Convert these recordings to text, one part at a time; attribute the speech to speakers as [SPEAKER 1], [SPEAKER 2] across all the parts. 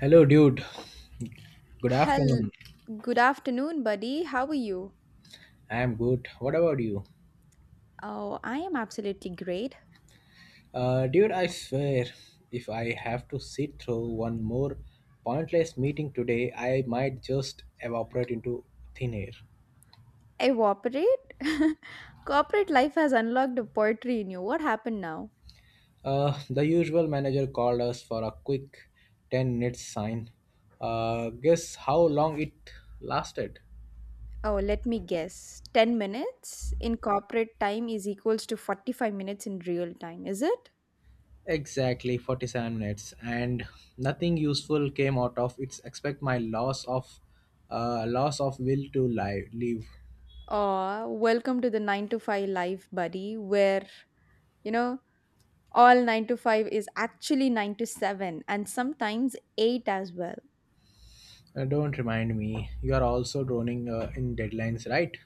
[SPEAKER 1] Hello, dude. Good
[SPEAKER 2] Hell,
[SPEAKER 1] afternoon.
[SPEAKER 2] good afternoon, buddy. How are you?
[SPEAKER 1] I am good. What about you?
[SPEAKER 2] Oh, I am absolutely great.
[SPEAKER 1] Dude, I swear, if I have to sit through one more pointless meeting today, I might just evaporate into thin air.
[SPEAKER 2] Evaporate? Corporate life has unlocked a poetry in you. What happened now?
[SPEAKER 1] The usual manager called us for a quick 10 minutes sign. Guess how long it lasted?
[SPEAKER 2] Oh, let me guess. 10 minutes in corporate time is equals to 45 minutes in real time, is it?
[SPEAKER 1] Exactly 47 minutes, and nothing useful came out of it except my loss of will to live.
[SPEAKER 2] Oh, welcome to the 9 to 5 life, buddy, where, you know, all 9 to 5 is actually 9 to 7 and sometimes 8 as well.
[SPEAKER 1] Don't remind me. You are also droning in deadlines, right?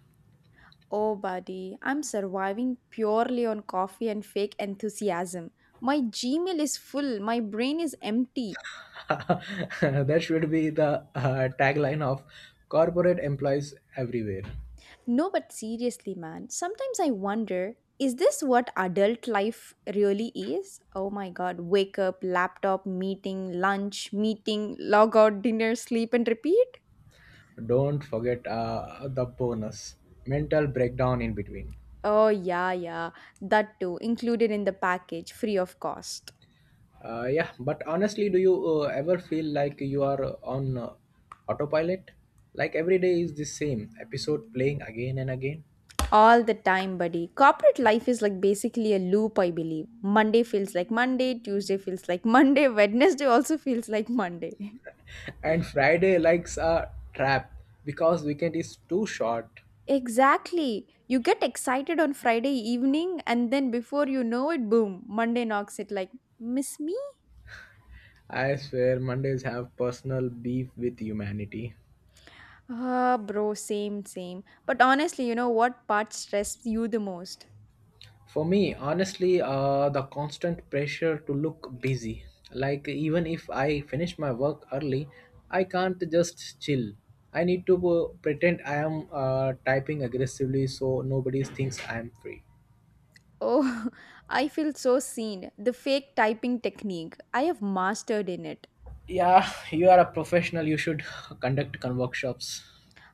[SPEAKER 2] Oh, buddy, I'm surviving purely on coffee and fake enthusiasm. My Gmail is full, my brain is empty.
[SPEAKER 1] That should be the tagline of corporate employees everywhere.
[SPEAKER 2] No, but seriously, man, sometimes I wonder, is this what adult life really is? Oh my god, wake up, laptop, meeting, lunch, meeting, log out, dinner, sleep, and repeat?
[SPEAKER 1] Don't forget the bonus mental breakdown in between.
[SPEAKER 2] Oh, yeah, yeah, that too, included in the package, free of cost.
[SPEAKER 1] Yeah, but honestly, do you ever feel like you are on autopilot? Like every day is the same episode playing again and again.
[SPEAKER 2] All the time, buddy. Corporate life is like basically a loop, I believe. Monday feels like Monday, Tuesday feels like Monday, Wednesday also feels like Monday.
[SPEAKER 1] And Friday likes a trap because weekend is too short.
[SPEAKER 2] Exactly. You get excited on Friday evening, and then before you know it, boom, Monday knocks it like, miss me?
[SPEAKER 1] I swear Mondays have personal beef with humanity.
[SPEAKER 2] Ah, bro, same, same. But honestly, you know what part stressed you the most?
[SPEAKER 1] For me, honestly, the constant pressure to look busy. Like, even if I finish my work early, I can't just chill. I need to pretend I am typing aggressively so nobody thinks I am free.
[SPEAKER 2] Oh, I feel so seen. The fake typing technique. I have mastered in it.
[SPEAKER 1] Yeah, you are a professional, you should conduct con workshops.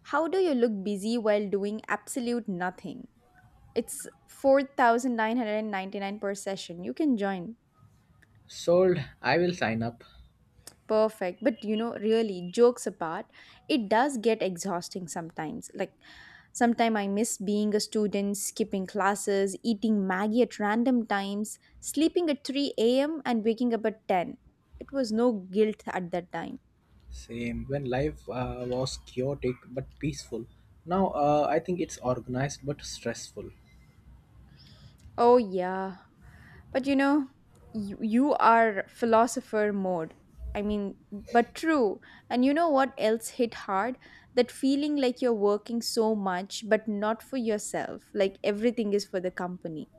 [SPEAKER 2] How do you look busy while doing absolute nothing? It's 4,999 per session. You can join.
[SPEAKER 1] Sold, I will sign up.
[SPEAKER 2] Perfect. But you know, really, jokes apart, it does get exhausting sometimes. Like, sometimes I miss being a student, skipping classes, eating Maggie at random times, sleeping at 3 a.m., and waking up at 10. It was no guilt at that time.
[SPEAKER 1] Same when life was chaotic but peaceful. Now I think it's organized but stressful.
[SPEAKER 2] Oh, yeah. But you know, you are philosopher mode. I mean, but true. And you know what else hit hard? That feeling like you're working so much, but not for yourself. Like everything is for the company.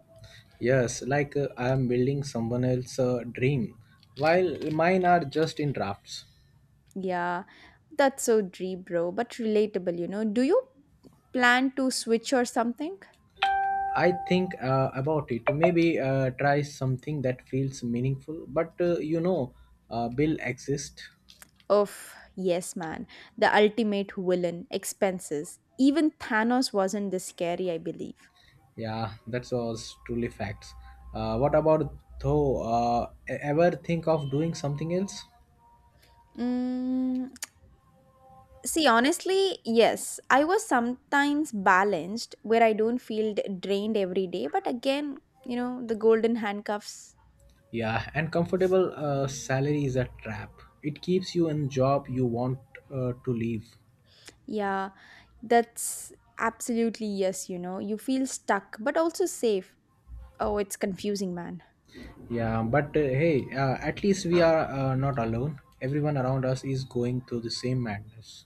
[SPEAKER 1] Yes, like I am building someone else's dream, while mine are just in drafts.
[SPEAKER 2] Yeah, that's so dream, bro, but relatable, you know. Do you plan to switch or something?
[SPEAKER 1] I think about it. Maybe try something that feels meaningful. But you know, Bill exists.
[SPEAKER 2] Of yes, man. The ultimate villain, expenses. Even Thanos wasn't this scary, I believe.
[SPEAKER 1] Yeah, that was truly facts. What about though? Ever think of doing something else?
[SPEAKER 2] Mm, see, honestly, yes. I was sometimes balanced where I don't feel drained every day. But again, you know, the golden handcuffs,
[SPEAKER 1] Yeah, and comfortable salary is a trap. It keeps you in job you want to leave.
[SPEAKER 2] yeah, that's absolutely yes, you know. You feel stuck, but also safe. Oh, it's confusing, man.
[SPEAKER 1] Yeah, but hey, at least we are not alone. Everyone around us is going through the same madness.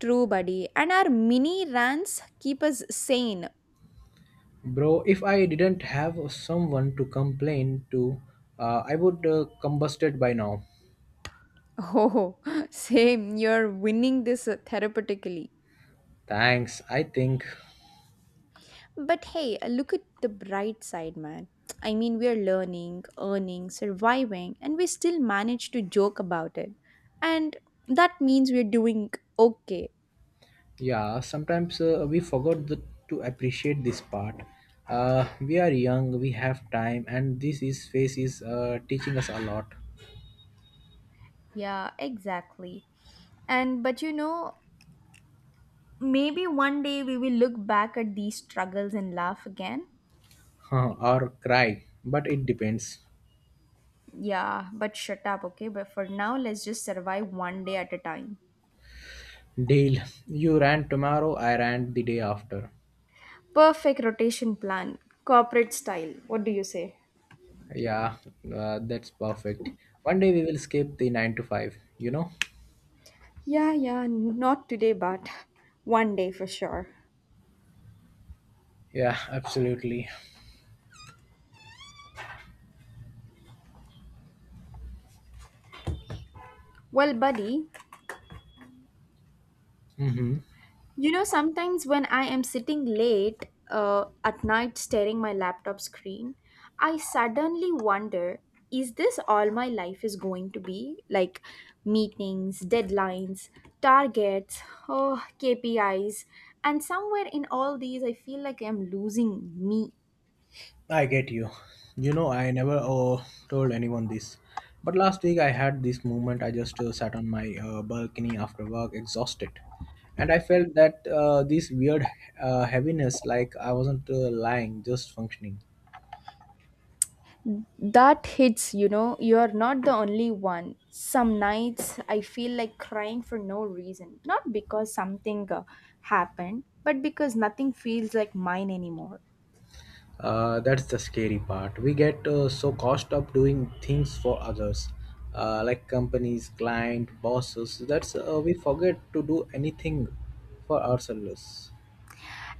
[SPEAKER 2] True, buddy. And our mini rants keep us sane.
[SPEAKER 1] Bro, if I didn't have someone to complain to, I would combusted by now.
[SPEAKER 2] Oh, same. You're winning this therapeutically.
[SPEAKER 1] Thanks, I think.
[SPEAKER 2] But hey, look at the bright side, man. I mean, we're learning, earning, surviving, and we still manage to joke about it. And that means we're doing okay.
[SPEAKER 1] Yeah, sometimes we forgot to appreciate this part. We are young, we have time, and this is phase is teaching us a lot.
[SPEAKER 2] Yeah, exactly. And but you know, maybe one day we will look back at these struggles and laugh again.
[SPEAKER 1] Huh? Or cry, but it depends.
[SPEAKER 2] Yeah, but shut up, okay? But for now, let's just survive one day at a time.
[SPEAKER 1] Deal. You ran tomorrow, I ran the day after.
[SPEAKER 2] Perfect rotation plan, corporate style. What do you say?
[SPEAKER 1] Yeah, that's perfect. One day we will skip the 9 to 5, you know?
[SPEAKER 2] Yeah, yeah, not today, but one day for sure.
[SPEAKER 1] Yeah, absolutely.
[SPEAKER 2] Well, buddy,
[SPEAKER 1] Mm-hmm.
[SPEAKER 2] you know, sometimes when I am sitting late at night staring my laptop screen, I suddenly wonder, is this all my life is going to be? Like meetings, deadlines, targets, oh, KPIs. And somewhere in all these, I feel like I'm losing me.
[SPEAKER 1] I get you. You know, I never told anyone this. But last week I had this moment. I just sat on my balcony after work, exhausted. And I felt that this weird heaviness, like I wasn't lying, just functioning.
[SPEAKER 2] That hits, you know, you're not the only one. Some nights I feel like crying for no reason. Not because something happened, but because nothing feels like mine anymore.
[SPEAKER 1] That's the scary part. We get so cost up doing things for others, like companies, client, bosses. That's we forget to do anything for ourselves.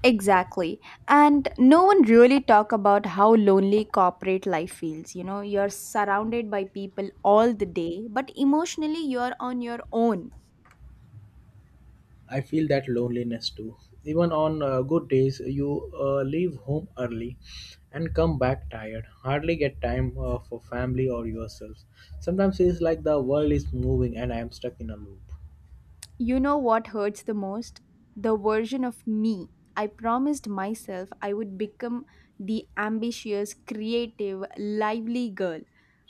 [SPEAKER 2] Exactly. And no one really talk about how lonely corporate life feels. You know, you're surrounded by people all the day, but emotionally you're on your own.
[SPEAKER 1] I feel that loneliness too. Even on good days, you leave home early and come back tired. Hardly get time for family or yourself. Sometimes it's like the world is moving and I am stuck in a loop.
[SPEAKER 2] You know what hurts the most? The version of me I promised myself I would become, the ambitious, creative, lively girl.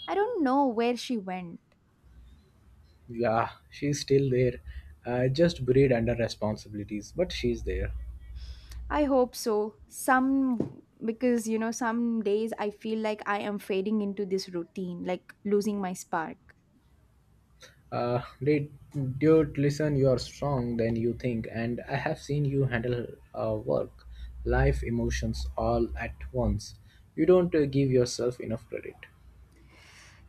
[SPEAKER 2] I don't know where she went.
[SPEAKER 1] Yeah, she's still there. Just buried under responsibilities, but she's there.
[SPEAKER 2] I hope so. Some because you know some days I feel like I am fading into this routine, like losing my spark.
[SPEAKER 1] Uh, dude, dude, listen, you are strong than you think, and I have seen you handle work, life, emotions all at once. You don't give yourself enough credit.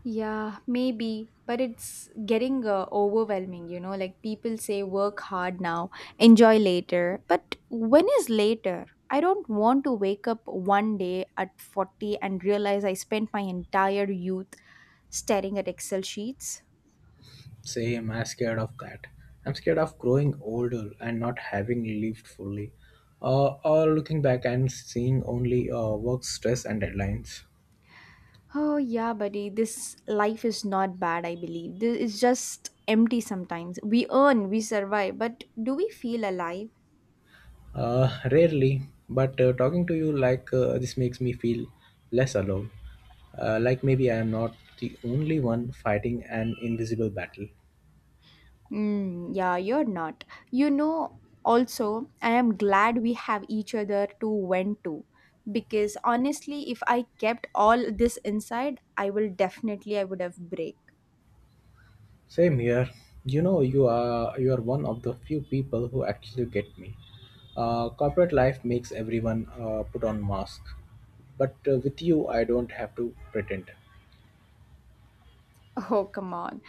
[SPEAKER 2] Yeah, maybe, but it's getting overwhelming, you know. Like people say, work hard now, enjoy later. But when is later? I don't want to wake up one day at 40 and realize I spent my entire youth staring at Excel sheets.
[SPEAKER 1] Same, I'm scared of that. I'm scared of growing older and not having lived fully, or looking back and seeing only work stress and deadlines.
[SPEAKER 2] Oh, yeah, buddy, this life is not bad, I believe. This is just empty sometimes. We earn, we survive, but do we feel alive?
[SPEAKER 1] Rarely, but talking to you like this makes me feel less alone. Like maybe I am not the only one fighting an invisible battle.
[SPEAKER 2] Mm, yeah, you're not. You know, also, I am glad we have each other to vent to. Because honestly, if I kept all this inside, I will definitely I would have break.
[SPEAKER 1] Same here. You know, you are one of the few people who actually get me. Corporate life makes everyone put on mask, but with you, I don't have to pretend.
[SPEAKER 2] Oh, come on.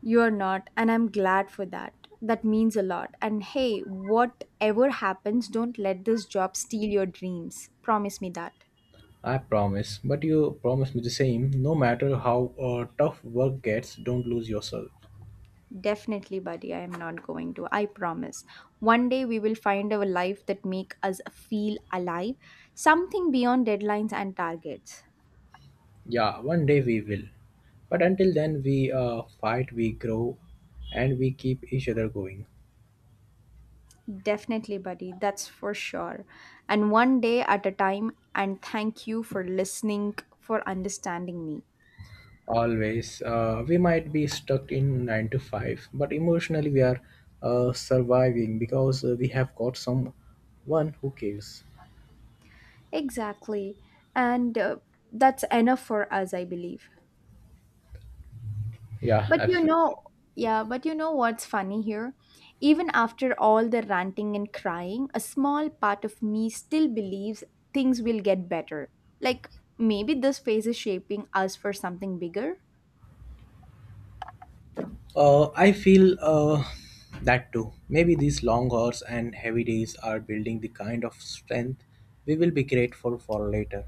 [SPEAKER 2] You're not, and I'm glad for that. That means a lot. And hey, whatever happens, don't let this job steal your dreams. Promise me that.
[SPEAKER 1] I promise, but you promise me the same. No matter how tough work gets, don't lose yourself.
[SPEAKER 2] Definitely, buddy. I am not going to. I promise. One day we will find a life that make us feel alive, something beyond deadlines and targets.
[SPEAKER 1] Yeah, one day we will. But until then, we fight, we grow, and we keep each other going.
[SPEAKER 2] Definitely, buddy. That's for sure. And one day at a time. And thank you for listening, for understanding me.
[SPEAKER 1] Always. We might be stuck in 9 to 5, but emotionally, we are surviving because we have got someone who cares.
[SPEAKER 2] Exactly. And that's enough for us, I believe.
[SPEAKER 1] Yeah,
[SPEAKER 2] But you know,
[SPEAKER 1] absolutely.
[SPEAKER 2] yeah, but you know what's funny here? Even after all the ranting and crying, a small part of me still believes things will get better. Like, maybe this phase is shaping us for something bigger.
[SPEAKER 1] I feel that too. Maybe these long hours and heavy days are building the kind of strength we will be grateful for later.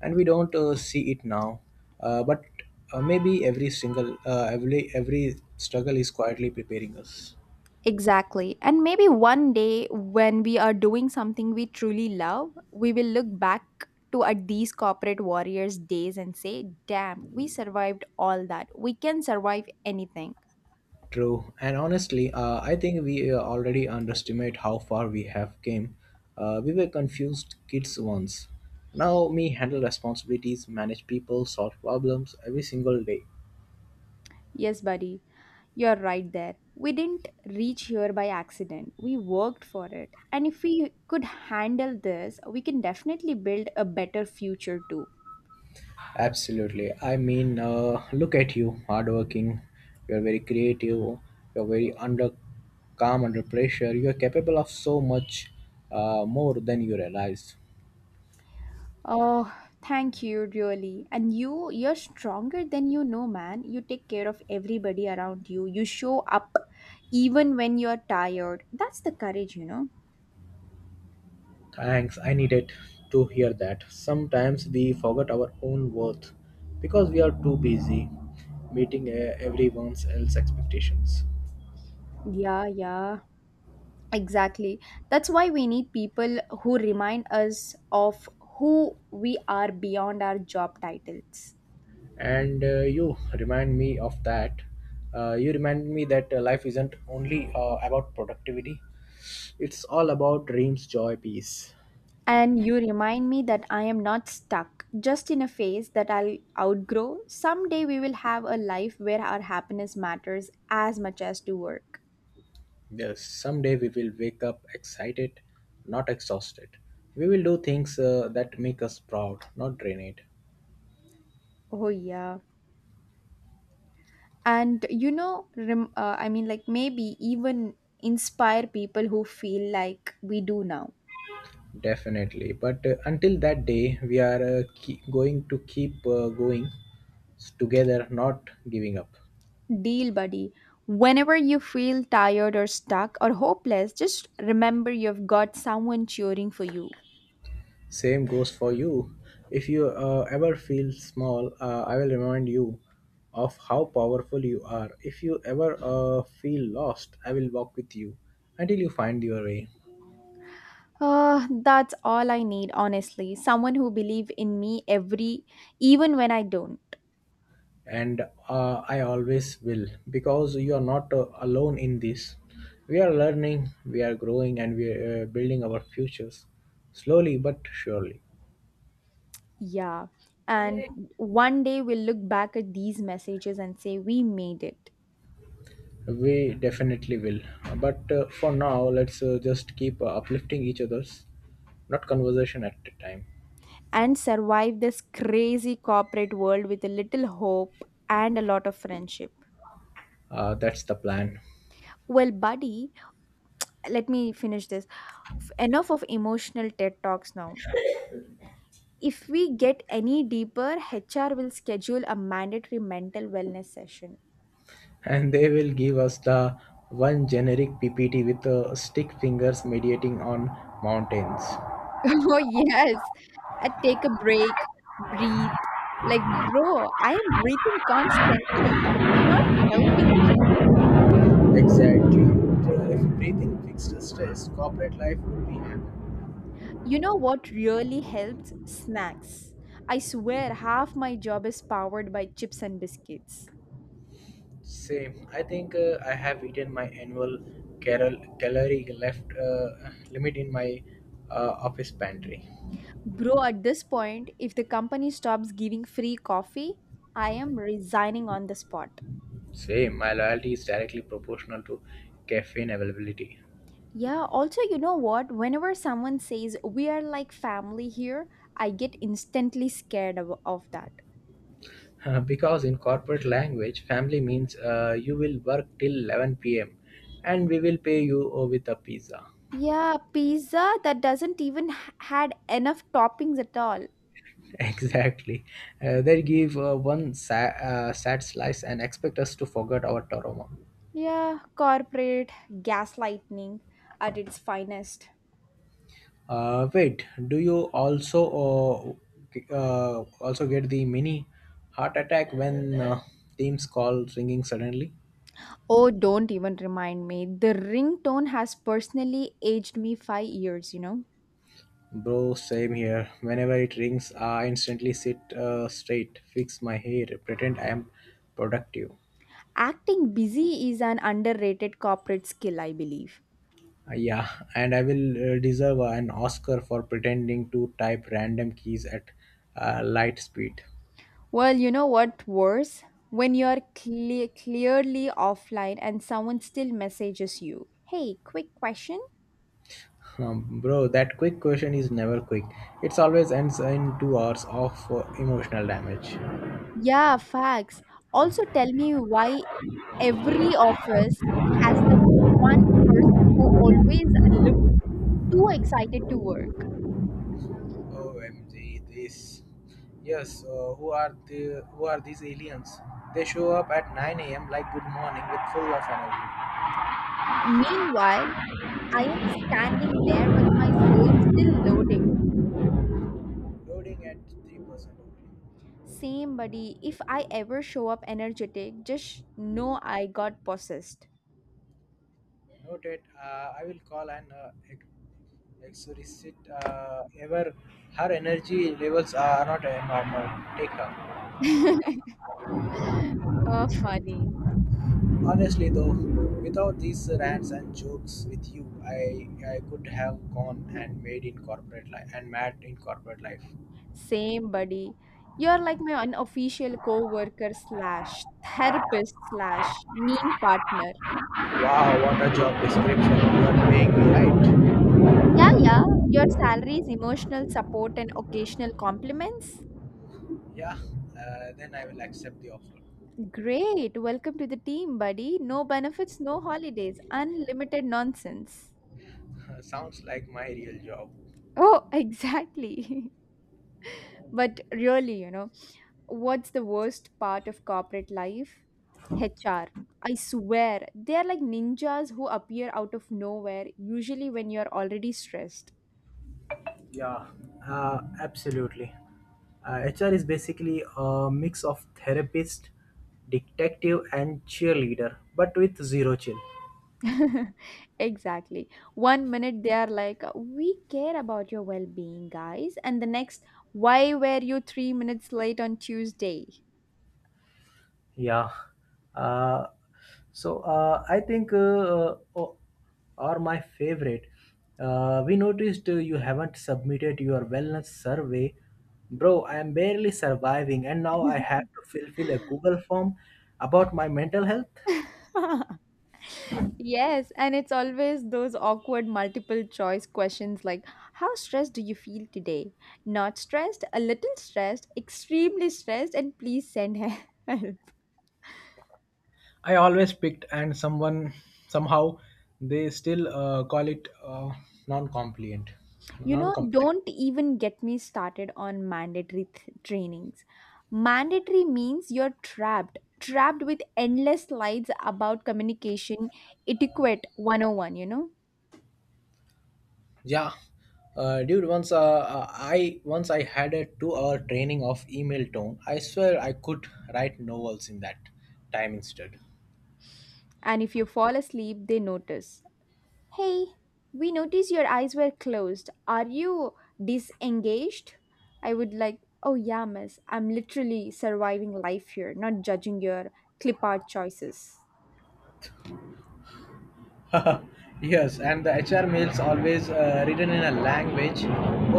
[SPEAKER 1] And we don't see it now. But Maybe every struggle is quietly preparing us.
[SPEAKER 2] Exactly. And maybe one day when we are doing something we truly love, we will look back to at these corporate warriors days and say, "Damn, we survived all that. We can survive anything."
[SPEAKER 1] True. And honestly, I think we already underestimate how far we have came. We were confused kids once. Now me handle responsibilities, manage people, solve problems every single day.
[SPEAKER 2] Yes, buddy, you're right there. We didn't reach here by accident. We worked for it. And if we could handle this, we can definitely build a better future too.
[SPEAKER 1] Absolutely. I mean, look at you, hardworking. You're very creative. You're very under calm under pressure. You're capable of so much more than you realize.
[SPEAKER 2] Oh, thank you, really. And you, you're stronger than you know, man. You take care of everybody around you. You show up even when you're tired. That's the courage, you know.
[SPEAKER 1] Thanks. I needed to hear that. Sometimes we forget our own worth because we are too busy meeting everyone else's expectations.
[SPEAKER 2] Yeah, yeah. Exactly. That's why we need people who remind us of who we are beyond our job titles.
[SPEAKER 1] And you remind me of that. You remind me that life isn't only about productivity. It's all about dreams, joy, peace.
[SPEAKER 2] And you remind me that I am not stuck just in a phase that I'll outgrow. Someday we will have a life where our happiness matters as much as to work.
[SPEAKER 1] Yes, someday we will wake up excited, not exhausted. We will do things that make us proud, not drain it.
[SPEAKER 2] Oh, yeah. And you know, I mean, like maybe even inspire people who feel like we do now.
[SPEAKER 1] Definitely. But until that day, we are keep going to keep going together, not giving up.
[SPEAKER 2] Deal, buddy. Whenever you feel tired or stuck or hopeless, just remember you've got someone cheering for you.
[SPEAKER 1] Same goes for you. If you ever feel small, I will remind you of how powerful you are. If you ever feel lost, I will walk with you until you find your way.
[SPEAKER 2] Ah, that's all I need, honestly. Someone who believe in me every, even when I don't.
[SPEAKER 1] And I always will because you are not alone in this. We are learning, we are growing, and we are building our futures slowly but surely.
[SPEAKER 2] Yeah. And one day we'll look back at these messages and say we made it
[SPEAKER 1] We definitely will, but for now let's just keep uplifting each other's not conversation at a time.
[SPEAKER 2] and survive this crazy corporate world with a little hope and a lot of friendship.
[SPEAKER 1] That's the plan.
[SPEAKER 2] Well, buddy, let me finish this. Enough of emotional ted talks now. If we get any deeper, HR will schedule a mandatory mental wellness session.
[SPEAKER 1] And they will give us the one generic ppt with stick fingers mediating on mountains.
[SPEAKER 2] Oh, yes. I take a break, breathe. Like, bro, I am breathing constantly. It's not helping me.
[SPEAKER 1] Exactly. If breathing fixed stress, corporate life would be hammered.
[SPEAKER 2] You know what really helps? Snacks. I swear half my job is powered by chips and biscuits.
[SPEAKER 1] Same. I think I have eaten my annual calorie left limit in my office pantry.
[SPEAKER 2] Bro, at this point, if the company stops giving free coffee, I am resigning on the spot.
[SPEAKER 1] Same. My loyalty is directly proportional to caffeine availability.
[SPEAKER 2] Yeah, also, you know what? Whenever someone says we are like family here, I get instantly scared of that.
[SPEAKER 1] Because in corporate language, family means you will work till 11 p.m. and we will pay you with a pizza.
[SPEAKER 2] Yeah, pizza that doesn't even had enough toppings at all.
[SPEAKER 1] Exactly. They give one sad slice and expect us to forget our trauma.
[SPEAKER 2] Yeah, corporate gaslighting at its finest.
[SPEAKER 1] Wait, do you also also get the mini heart attack when teams call ringing suddenly?
[SPEAKER 2] Oh, don't even remind me. The ringtone has personally aged me 5 years, you know.
[SPEAKER 1] Bro, same here. Whenever it rings, I instantly sit straight, fix my hair, pretend I am productive.
[SPEAKER 2] Acting busy is an underrated corporate skill, I believe.
[SPEAKER 1] Yeah, and I will deserve an Oscar for pretending to type random keys at light speed.
[SPEAKER 2] Well, you know what worse? When you're clearly offline and someone still messages you, hey, quick question?
[SPEAKER 1] Bro, that quick question is never quick. It's always ends in 2 hours of emotional damage.
[SPEAKER 2] Yeah, facts. Also, tell me why every office has that one person who always looks too excited to work.
[SPEAKER 1] OMG, this. Yes, who are these aliens? They show up at 9 a.m. like good morning with full of energy.
[SPEAKER 2] Meanwhile, I am standing there with my soul still loading.
[SPEAKER 1] Loading at 3% only.
[SPEAKER 2] Same, buddy. If I ever show up energetic, just know I got possessed.
[SPEAKER 1] Noted. I will call and exorcist ever. Her energy levels are not normal. Take her.
[SPEAKER 2] Oh, funny.
[SPEAKER 1] Honestly, though, without these rants and jokes with you, I could have gone and made in corporate life and mad in corporate life.
[SPEAKER 2] Same, buddy. You're like my unofficial co-worker slash therapist slash meme partner.
[SPEAKER 1] Wow, what a job description! You are paying me right.
[SPEAKER 2] Yeah, yeah. Your salary is emotional support and occasional compliments.
[SPEAKER 1] Yeah, then I will accept the offer.
[SPEAKER 2] Great. Welcome to the team, buddy. No benefits, no holidays, unlimited nonsense.
[SPEAKER 1] Sounds like my real job.
[SPEAKER 2] Oh, exactly. But really, you know. What's the worst part of corporate life? HR. I swear, they are like ninjas who appear out of nowhere, usually when you're already stressed.
[SPEAKER 1] Yeah, absolutely. HR is basically a mix of therapist, detective, and cheerleader, but with zero chill.
[SPEAKER 2] Exactly. One minute they are like, "We care about your well being, guys." And the next, "Why were you 3 minutes late on Tuesday?"
[SPEAKER 1] Yeah. Uh, I think o- are my favorite. We noticed you haven't submitted your wellness survey. Bro, I am barely surviving, and now I have to fulfill a Google form about my mental health.
[SPEAKER 2] Yes, and it's always those awkward multiple choice questions like, how stressed do you feel today? Not stressed, a little stressed, extremely stressed, and please send help.
[SPEAKER 1] I always picked, and someone somehow they still call it non-compliant,
[SPEAKER 2] You know,
[SPEAKER 1] non-compliant.
[SPEAKER 2] don't even get me started on mandatory trainings. Mandatory means you're trapped, trapped with endless slides about communication etiquette 101, you know.
[SPEAKER 1] Yeah, dude. Once I once I had a two-hour training of email tone. I swear I could write novels in that time instead.
[SPEAKER 2] And if you fall asleep, they notice. Hey, we noticed your eyes were closed. Are you disengaged? I would like, oh yeah, miss, I'm literally surviving life here, not judging your clip art choices.
[SPEAKER 1] Yes, and the HR mails always written in a language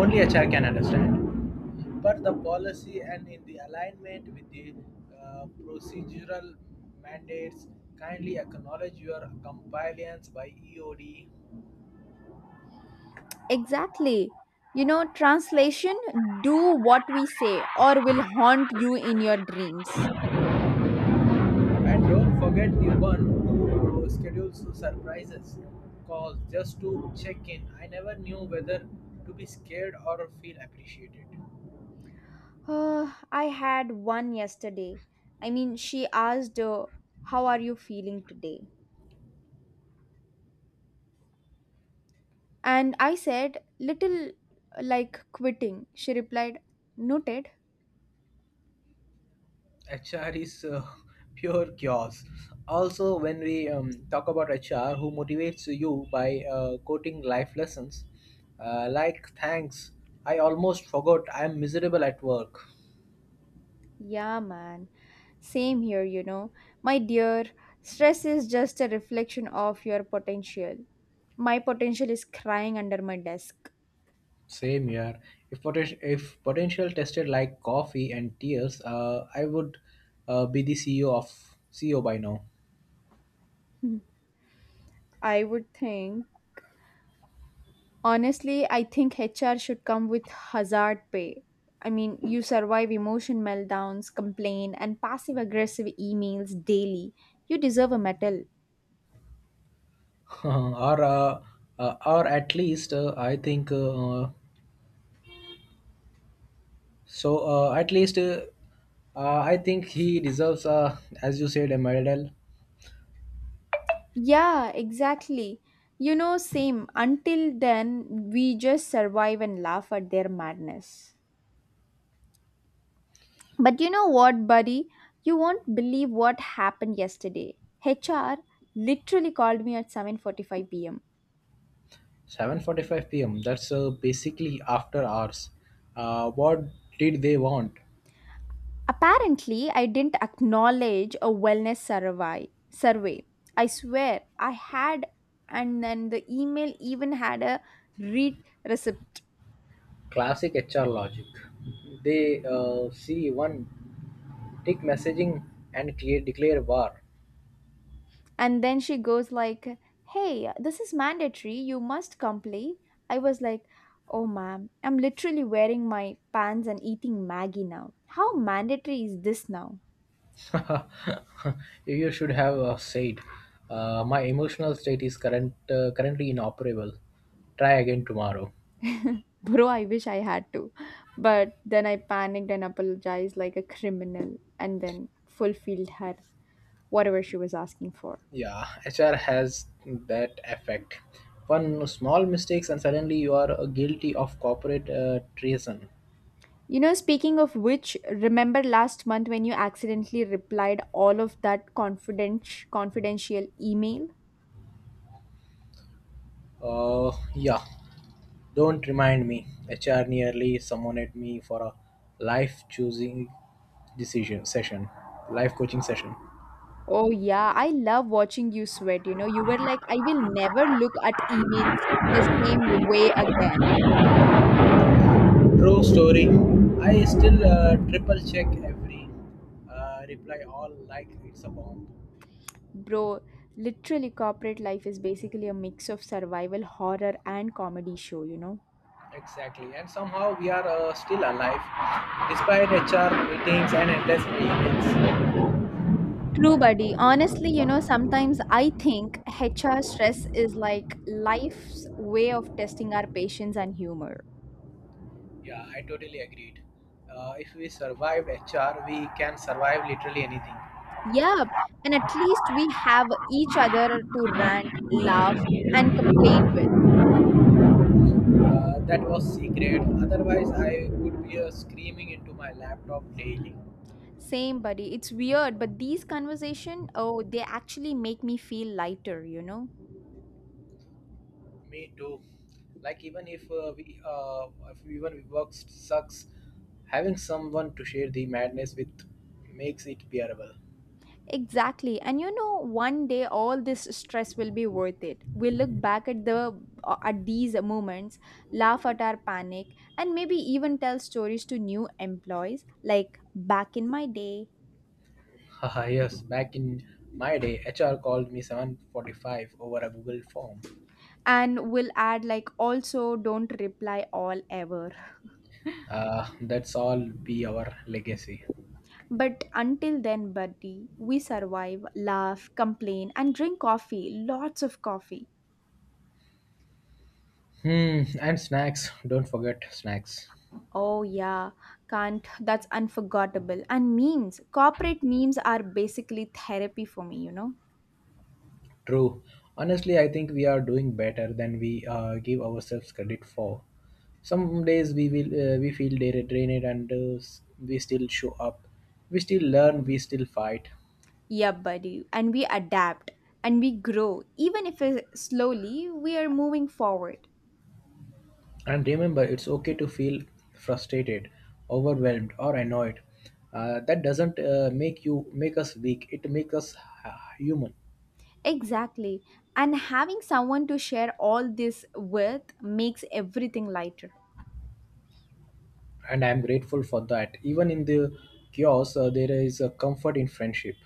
[SPEAKER 1] only HR can understand. But the policy and in the alignment with the procedural mandates, kindly acknowledge your compliance by EOD.
[SPEAKER 2] Exactly. You know, translation, do what we say, or will haunt you in your dreams.
[SPEAKER 1] And don't forget the one who schedules surprises calls just to check in. I never knew whether to be scared or feel appreciated.
[SPEAKER 2] I had one yesterday. I mean, she asked, how are you feeling today? And I said, little like quitting. She replied, noted.
[SPEAKER 1] HR is pure chaos. Also, when we talk about HR, who motivates you by quoting life lessons like, thanks, I almost forgot I'm miserable at work.
[SPEAKER 2] Yeah, man. Same here, you know. My dear, stress is just a reflection of your potential. My potential is crying under my desk.
[SPEAKER 1] Same here. If potential tested like coffee and tears, I would be the CEO of CEO by now.
[SPEAKER 2] Hmm. I would think, I think HR should come with hazard pay. I mean, you survive emotion meltdowns, complain, and passive aggressive emails daily. You deserve a medal.
[SPEAKER 1] or uh, or at least I think so. At least I think he deserves, as you said, a medal.
[SPEAKER 2] Yeah, exactly. You know, same. Until then, we just survive and laugh at their madness. But you know what, buddy? You won't believe what happened yesterday. HR literally called me at 7:45 p.m.
[SPEAKER 1] 7:45 p.m. That's basically after hours. What did they want?
[SPEAKER 2] Apparently, I didn't acknowledge a wellness survey. Survey. I swear, I had, and then the email even had a read receipt.
[SPEAKER 1] Classic HR logic. They see one Take messaging and clear, declare war.
[SPEAKER 2] And then she goes like, "Hey, this is mandatory. You must complete." I was like, "Oh, ma'am, I'm literally wearing my pants and eating Maggie now. How mandatory is this now?"
[SPEAKER 1] You should have said, "My emotional state is currently inoperable. Try again tomorrow."
[SPEAKER 2] Bro, I wish I had to. But then I panicked and apologized like a criminal and then fulfilled her whatever she was asking for.
[SPEAKER 1] Yeah, HR has that effect. One small mistakes and suddenly you are guilty of corporate treason.
[SPEAKER 2] You know, speaking of which, remember last month when you accidentally replied all of that confidential email?
[SPEAKER 1] Yeah, don't remind me. HR nearly summoned me for a life choosing decision session, life coaching session.
[SPEAKER 2] Oh yeah, I love watching you sweat, you know. You were like, I will never look at emails the same way again.
[SPEAKER 1] True story. I still triple check every reply, all like it's a bomb.
[SPEAKER 2] Bro, literally corporate life is basically a mix of survival horror and comedy show, you know.
[SPEAKER 1] Exactly. And somehow we are still alive despite HR meetings and endless emails.
[SPEAKER 2] True, buddy. Honestly, you know, sometimes I think HR stress is like life's way of testing our patience and humor.
[SPEAKER 1] Yeah, I totally agreed. If we survived HR, we can survive literally anything.
[SPEAKER 2] Yep. And at least we have each other to rant, laugh, and complain with.
[SPEAKER 1] That was secret. Otherwise, I would be screaming into my laptop daily.
[SPEAKER 2] Same, buddy. It's weird, but these conversation, oh, they actually make me feel lighter, you know?
[SPEAKER 1] Me too. Like even if we if even we work sucks, having someone to share the madness with makes it bearable.
[SPEAKER 2] Exactly. And you know, one day all this stress will be worth it. We'll look back at the at these moments, laugh at our panic, and maybe even tell stories to new employees like back in my day.
[SPEAKER 1] Haha, yes, back in my day, HR called me 7:45 over a Google form.
[SPEAKER 2] And we'll add like also don't reply all ever.
[SPEAKER 1] That's all be our legacy.
[SPEAKER 2] But until then, buddy, we survive, laugh, complain, and drink coffee, lots of coffee.
[SPEAKER 1] Hmm, and snacks. Don't forget snacks.
[SPEAKER 2] Oh yeah, can't. That's unforgettable. And memes, corporate memes are basically therapy for me, you know?
[SPEAKER 1] True. Honestly, I think we are doing better than we give ourselves credit for. Some days we feel drained and we still show up. We still learn, we still fight.
[SPEAKER 2] Yeah, buddy. And we adapt and we grow. Even if it- slowly, we are moving forward.
[SPEAKER 1] And remember, it's okay to feel frustrated, overwhelmed or annoyed. That doesn't make us weak. It makes us uh, human.
[SPEAKER 2] Exactly. And having someone to share all this with makes everything lighter.
[SPEAKER 1] And I am grateful for that. Even in the chaos, there is a comfort in friendship.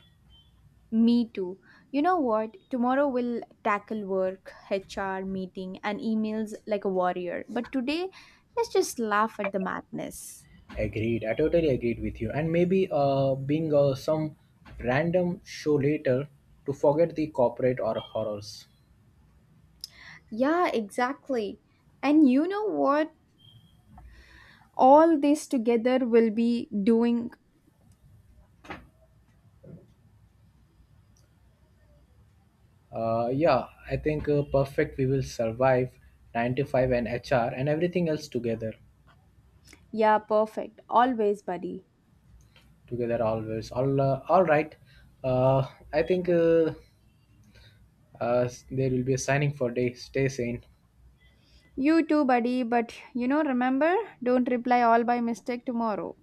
[SPEAKER 2] Me too. You know what? Tomorrow we'll tackle work, HR, meeting, and emails like a warrior. But today, let's just laugh at the madness.
[SPEAKER 1] Agreed. I totally agreed with you. And maybe being some random show later to forget the corporate or horrors.
[SPEAKER 2] Yeah, exactly. And you know what? All this together will be doing.
[SPEAKER 1] Yeah, I think perfect. We will survive 95 and HR and everything else together.
[SPEAKER 2] Yeah, perfect. Always, buddy.
[SPEAKER 1] Together always. All right. Uh, I think There will be a signing for day. Stay sane.
[SPEAKER 2] You too, buddy. But you know, remember, don't reply all by mistake tomorrow.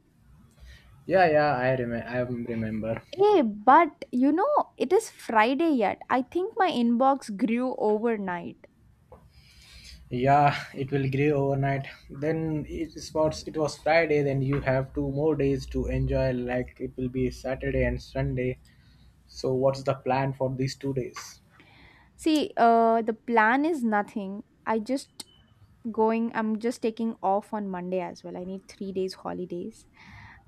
[SPEAKER 1] Yeah, yeah. I remember. I remember.
[SPEAKER 2] Hey, but you know, it is Friday yet. I think my inbox grew overnight.
[SPEAKER 1] Yeah, it will grow overnight. Then it was Friday. Then you have two more days to enjoy. Like it will be Saturday and Sunday. So what's the plan for these two days?
[SPEAKER 2] See, the plan is nothing. I'm just taking off on Monday as well. I need three days holidays.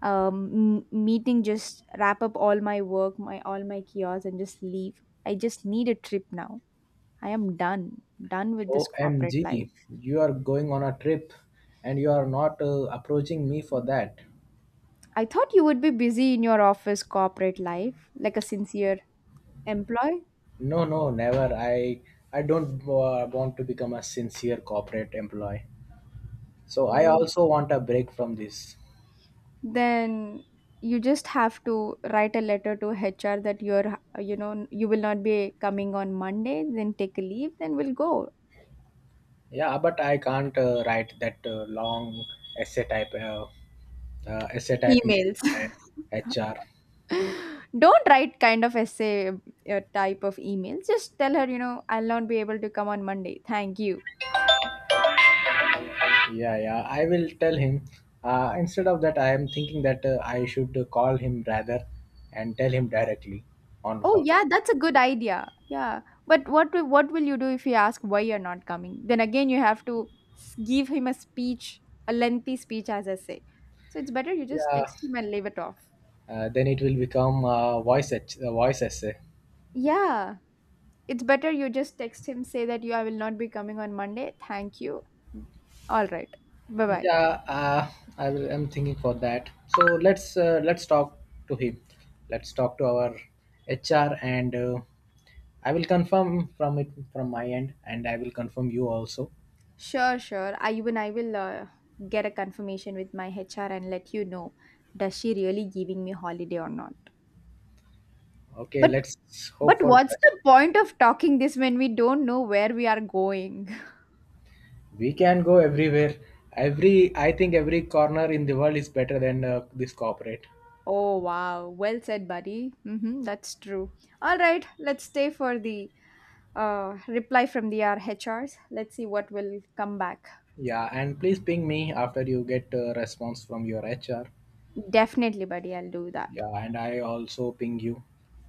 [SPEAKER 2] Meeting, just wrap up all my work, my all my kiosks, and just leave. I just need a trip now. I am done, with this corporate
[SPEAKER 1] OMG,
[SPEAKER 2] life.
[SPEAKER 1] you are going on a trip, and you are not approaching me for that.
[SPEAKER 2] I thought you would be busy in your office corporate life like a sincere employee.
[SPEAKER 1] No, no, never. I don't want to become a sincere corporate employee. So I
[SPEAKER 2] Oh.
[SPEAKER 1] also want a break from this.
[SPEAKER 2] Then you just have to write a letter to HR that you're you know you will not be coming on Monday, then take a leave, then we'll go.
[SPEAKER 1] Yeah, but I can't write that long essay type uh, essay type mail
[SPEAKER 2] Emails.
[SPEAKER 1] for a HR.
[SPEAKER 2] Don't write kind of essay type of emails. Just tell her, you know, I'll not be able to come on Monday. Thank you.
[SPEAKER 1] Yeah, yeah. I will tell him. Instead of that, I am thinking that I should call him rather and tell him directly on
[SPEAKER 2] Oh
[SPEAKER 1] call.
[SPEAKER 2] yeah, that's a good idea. Yeah. But what will you do if you ask why you're not coming? Then again you have to give him a speech, a lengthy speech as I say. So it's better you just
[SPEAKER 1] Yeah.
[SPEAKER 2] text him and leave it off.
[SPEAKER 1] Then it will become voice essay.
[SPEAKER 2] Yeah. It's better you just text him, say that you I will not be coming on Monday. Thank you. All right. Bye-bye.
[SPEAKER 1] Yeah. I'm thinking for that. So let's talk to him. Let's talk to our HR and. I will confirm from my end, and I will confirm you also.
[SPEAKER 2] Sure, sure. I will get a confirmation with my HR and let you know does she really giving me holiday or not.
[SPEAKER 1] Okay,
[SPEAKER 2] But
[SPEAKER 1] let's
[SPEAKER 2] but
[SPEAKER 1] hope for
[SPEAKER 2] what's
[SPEAKER 1] best.
[SPEAKER 2] the point of talking this when we don't know where we are going?
[SPEAKER 1] We can go everywhere. Every I think every corner in the world is better than this corporate.
[SPEAKER 2] Oh wow, well said, buddy. Mm-hmm, that's true. All right, let's stay for the reply from the our H Rs. Let's see what will come back.
[SPEAKER 1] Yeah, and please ping me after you get a response from your HR.
[SPEAKER 2] Definitely, buddy. I'll do that.
[SPEAKER 1] Yeah, and I also ping you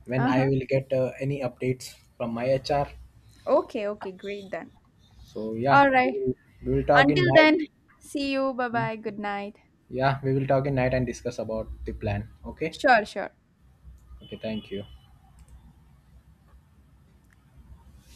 [SPEAKER 1] when
[SPEAKER 2] Uh huh.
[SPEAKER 1] I will get any updates from my HR.
[SPEAKER 2] Okay. Okay. Great then.
[SPEAKER 1] So yeah,
[SPEAKER 2] All right.
[SPEAKER 1] we will talk in
[SPEAKER 2] Until
[SPEAKER 1] night.
[SPEAKER 2] then, see you. Bye bye. Good night.
[SPEAKER 1] Yeah, we will talk in night and discuss about the plan. Okay.
[SPEAKER 2] Sure, sure.
[SPEAKER 1] Okay. Thank you.